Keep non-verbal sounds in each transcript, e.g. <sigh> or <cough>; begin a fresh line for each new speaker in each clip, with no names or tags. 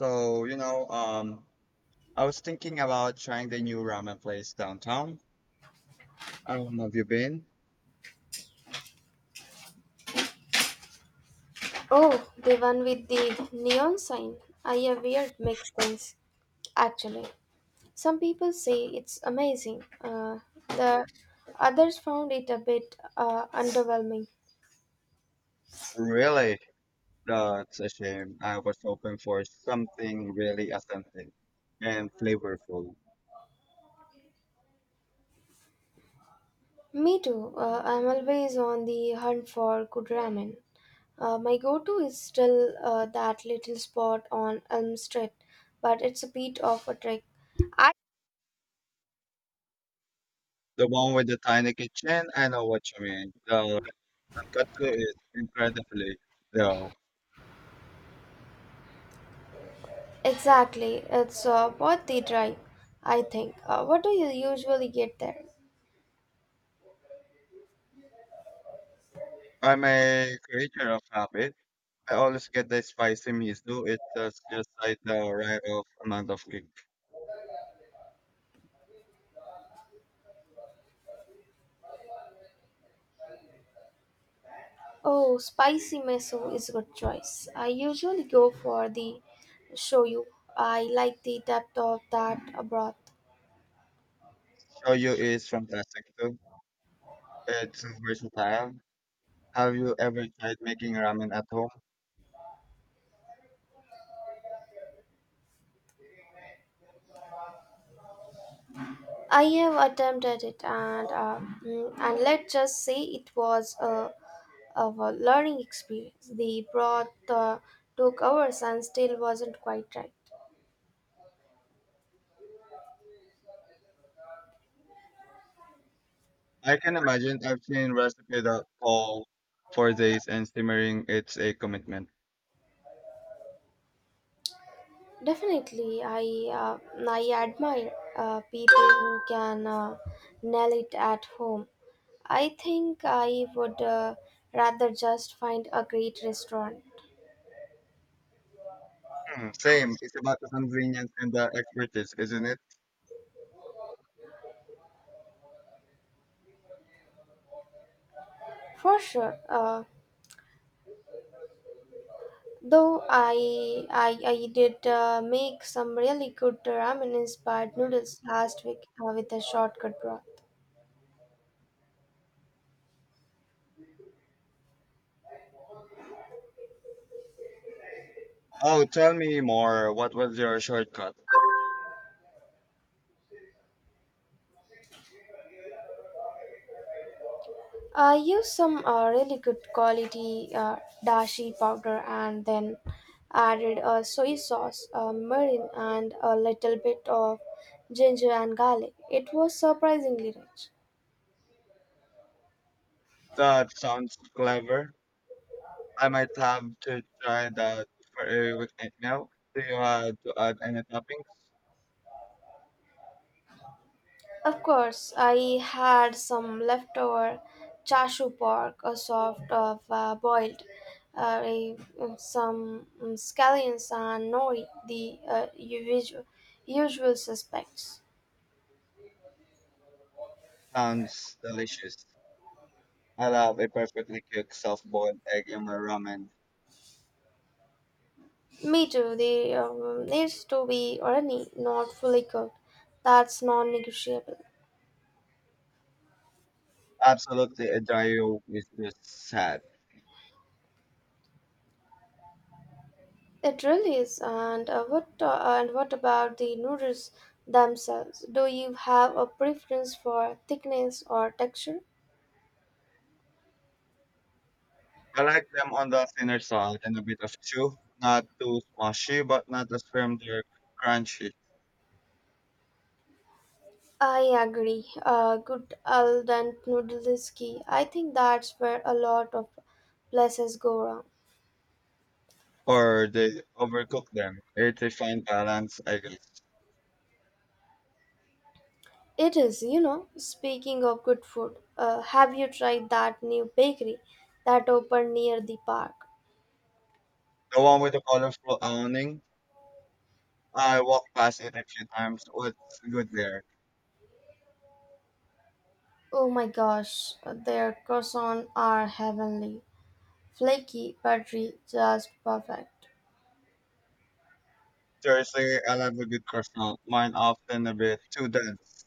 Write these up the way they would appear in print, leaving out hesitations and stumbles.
So, you know, um, I was thinking about trying the new ramen place downtown. I don't know if you've been.
Oh, the one with the neon sign. I a weird mixed things, actually. Some people say it's amazing. The others found it a bit underwhelming.
Really, that's a shame. I was hoping for something really authentic and flavorful.
Me too. I'm always on the hunt for good ramen. My go-to is still that little spot on Elm Street, but it's a bit of a trick. I
The one with the tiny kitchen, I know what you mean. The tonkatsu is incredibly though.
exactly. It's worth the drive, I think. What do you usually get there?
I'm a creature of habit. I always get the spicy miso. It does just like the right of amount of kick.
Oh, spicy miso is a good choice. I usually go for the shoyu. I like the depth of that broth.
Shoyu is fantastic too. It's versatile. Have you ever tried making ramen at home?
I have attempted it, and and let's just say it was a, of a learning experience. The broth took hours and still wasn't quite right.
I can imagine. I've seen recipes that call for days and simmering. It's a commitment.
Definitely, I admire people who can nail it at home. I think I would rather just find a great restaurant
Hmm, same. It's about the convenience and the expertise, isn't it?
for sure. Though I did make some really good ramen inspired noodles last week with a shortcut broth.
Oh, tell me more. What was your shortcut?
I use some really good quality dashi powder and then added soy sauce, mirin, and a little bit of ginger and garlic. It was surprisingly rich.
That sounds clever. I might have to try that for a weekend now. Do you to add any toppings?
Of course, I had some leftover chashu pork, a soft of boiled, uh, a- some scallions and nori, the usual usual suspects.
Sounds delicious. I love a perfectly cooked soft-boiled egg in my ramen.
Me too. They needs to be runny, not fully cooked. That's non-negotiable.
Absolutely, a dry is just sad.
It really is. And what about the noodles themselves? Do you have a preference for thickness or texture?
I like them on the thinner side and a bit of chew, not too smushy, but not as firm they're crunchy
I agree. Good al dente noodle is key. I think that's where a lot of places go wrong.
or they overcook them. It's a fine balance, I guess.
It is, you know. Speaking of good food, have you tried that new bakery that opened near the park?
The one with the colorful awning, I walked past it a few times. What's good there?
Oh my gosh, their croissants are heavenly. Flaky, buttery, just perfect.
Seriously, I love a good croissant. Mine often a bit too dense.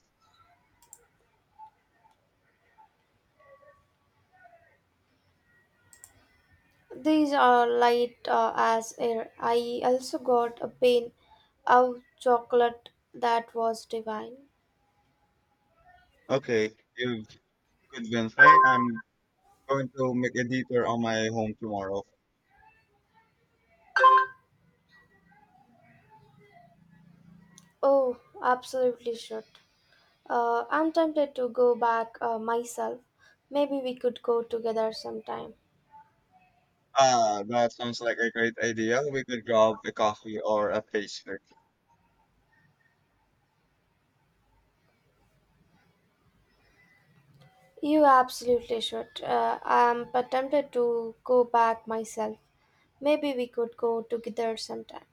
These are light as air. I also got a pain of chocolate that was divine.
Okay, you've convinced me. I'm going to make a detour on my home tomorrow.
Oh, absolutely should. I'm tempted to go back myself. Maybe we could go together sometime.
Ah, that sounds like a great idea. We could grab a coffee or a pastry.
You absolutely should. I'm tempted to go back myself. Maybe we could go together sometime.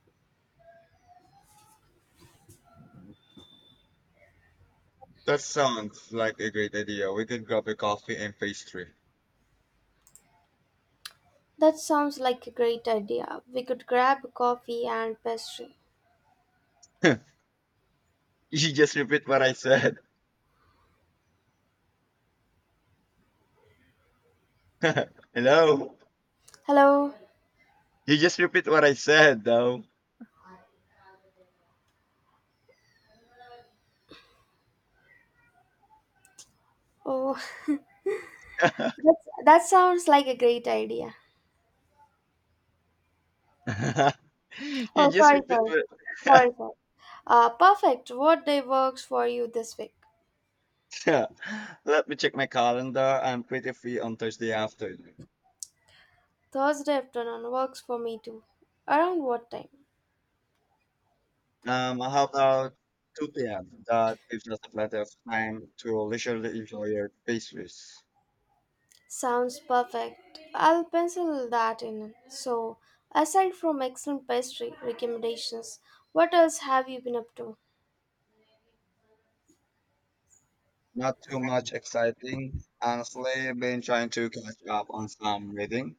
That sounds like a great idea. We could grab a coffee and pastry.
That sounds like a great idea. We could grab coffee and pastry.
<laughs> You just repeat what I said. <laughs> Hello?
Hello.
You just repeat what I said, though.
Oh, <laughs>
<laughs>
that sounds like a great idea.
You
Oh,
just
sorry,
repeat
sorry.
what...
Sorry, sorry. Perfect. What day works for you this week?
<laughs> Let me check my calendar. I'm pretty free on Thursday afternoon.
Thursday afternoon works for me too. Around what time?
How about 2 p.m.? That gives us plenty of time to leisurely enjoy your pastries.
Sounds perfect. I'll pencil that in. So, aside from excellent pastry recommendations, what else have you been up to?
Not too much exciting. Honestly, been trying to catch up on some reading.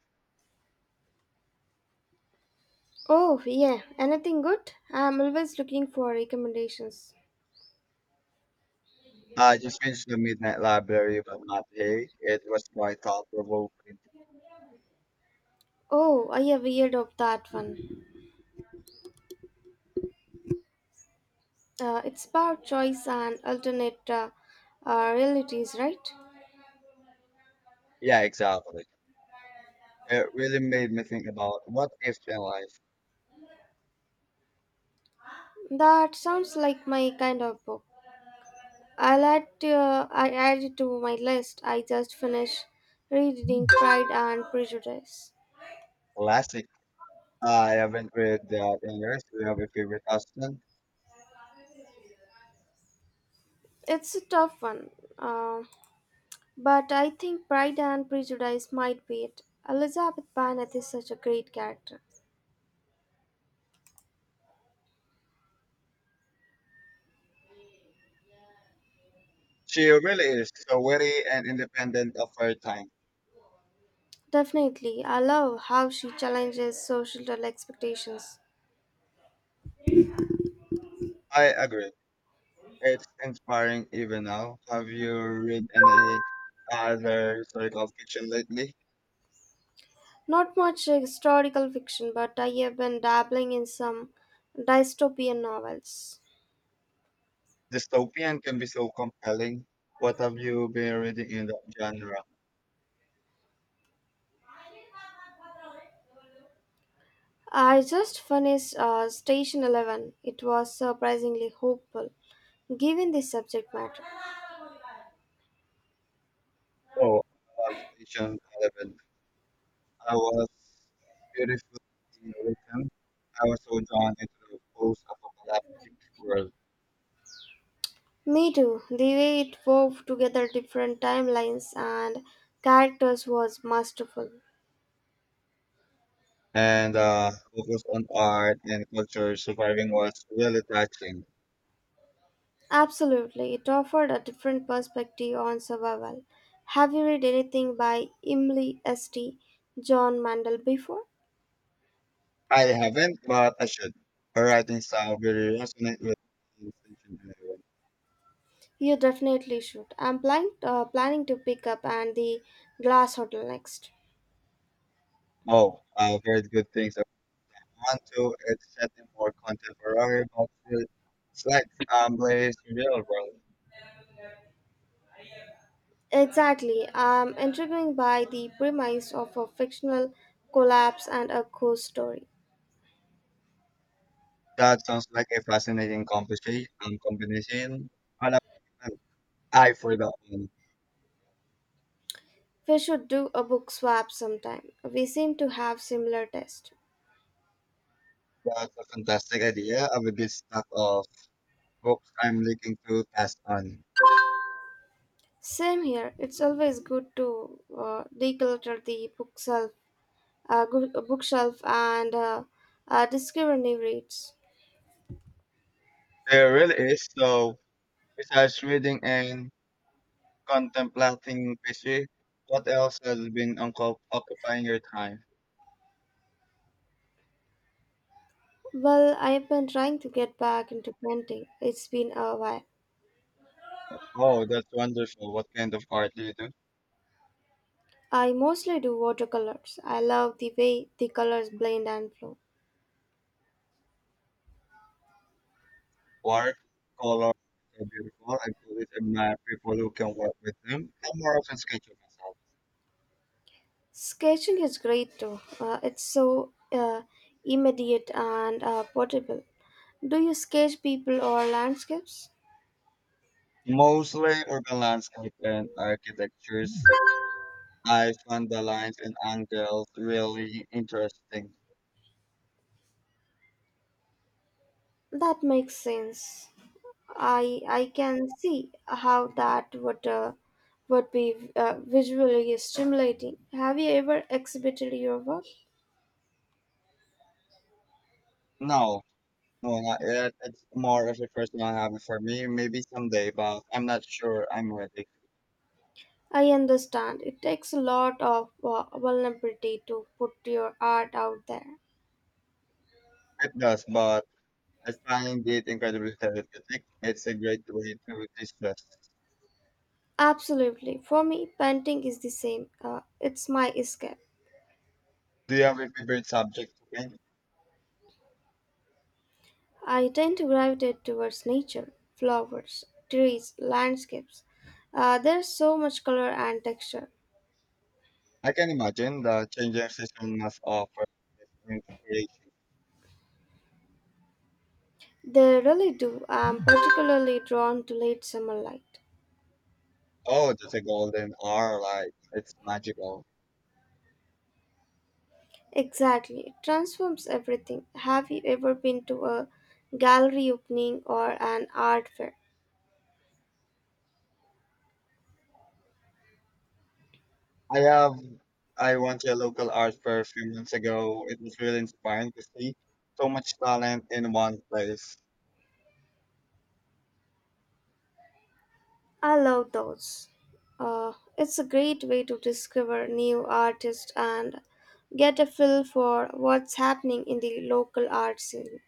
Oh, yeah. Anything good? I'm always looking for recommendations.
I just finished the Midnight Library, but not hey. It was quite thought-provoking.
Oh, I have heard of that one. It's about choice and alternate realities, right?
Yeah, exactly. It really made me think about what if in life.
That sounds like my kind of book. I add it to my list. I just finished reading Pride and Prejudice.
Classic. I haven't read that in years. We have a favorite husband.
It's a tough one, uh, but I think Pride and Prejudice might be it. Elizabeth Bennet is such a great character.
She really is so witty and independent of her time.
Definitely, I love how she challenges social expectations.
I agree. It's inspiring even now. Have you read any other historical fiction lately?
Not much historical fiction, but I have been dabbling in some dystopian novels.
Dystopian can be so compelling. What have you been reading in that genre?
I just finished Station 11. It was surprisingly hopeful, given the subject matter.
Oh, I love Station 11. I was beautifully written. I was so drawn into the post-apocalyptic world.
Me too. The way it wove together different timelines and characters was masterful.
And focus on art and culture surviving was really touching.
Absolutely, it offered a different perspective on survival. Have you read anything by Emily St. John Mandel before?
I haven't, but I should. Her writing style really resonate with Station 11.
You definitely should. I'm planning to pick up and the Glass Hotel next.
Oh, I've heard good things onto its set in more contemporary but still slight place to real world.
Exactly. I'm intrigued by the premise of a fictional collapse and a ghost story.
That sounds like a fascinating conversation combination. I'll have an eye for that one.
We should do a book swap sometime. We seem to have similar tastes.
That's a fantastic idea of a good stack of books I'm looking to pass on.
Same here. It's always good to declutter the bookshelf and discovery rates.
There really is. So besides reading and contemplating history, what else has been occupying your time?
Well, I've been trying to get back into painting. It's been a while.
Oh, that's wonderful. What kind of art do you do?
I mostly do watercolors. I love the way the colors blend and flow.
Work, color, so beautiful. I always admire people who can work with them. I'm more of a sketcher myself.
Sketching is great too. It's so immediate and portable. Do you sketch people or landscapes?
Mostly urban landscape and architectures. I found the lines and angles really interesting.
That makes sense. I can see how that would be visually stimulating. Have you ever exhibited your work?
No, no, not yet. It's more of a personal habit for me. Maybe someday, but I'm not sure I'm ready.
I understand it takes a lot of vulnerability to put your art out there.
It does, but I find it incredibly therapeutic. It's a great way to distress.
Absolutely, for me, painting is the same. It's my escape.
Do you have a favorite subject to paint?
I tend to gravitate towards nature, flowers, trees, landscapes. There's so much color and texture.
I can imagine the changing system must offer inspiration.
They really do. I'm particularly drawn to late summer light.
Oh, just a golden hour, like it's magical.
Exactly. It transforms everything. Have you ever been to a gallery opening or an art fair?
I have, I went to a local art fair a few months ago. It was really inspiring to see so much talent in one place.
I love those. It's a great way to discover new artists and get a feel for what's happening in the local art scene.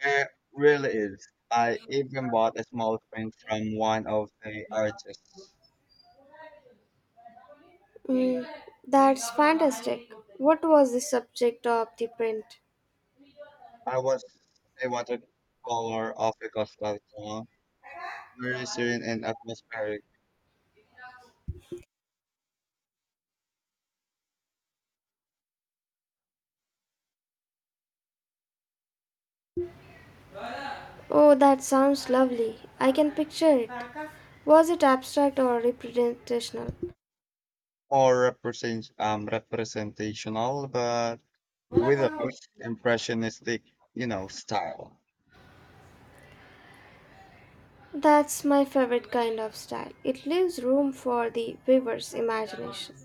It really is. I even bought a small print from one of the artists.
Mm, that's fantastic. What was the subject of the print?
I was a watercolor of a coastal town, very serene and atmospheric.
Oh, that sounds lovely. I can picture it. Was it abstract or representational?
More represent representational, but with a less impressionistic, you know, style.
That's my favorite kind of style. It leaves room for the viewer's imagination.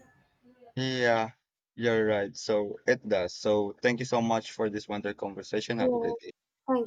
Yeah, you're right. So it does. So thank you so much for this wonderful conversation. Have a
Yeah.
great day.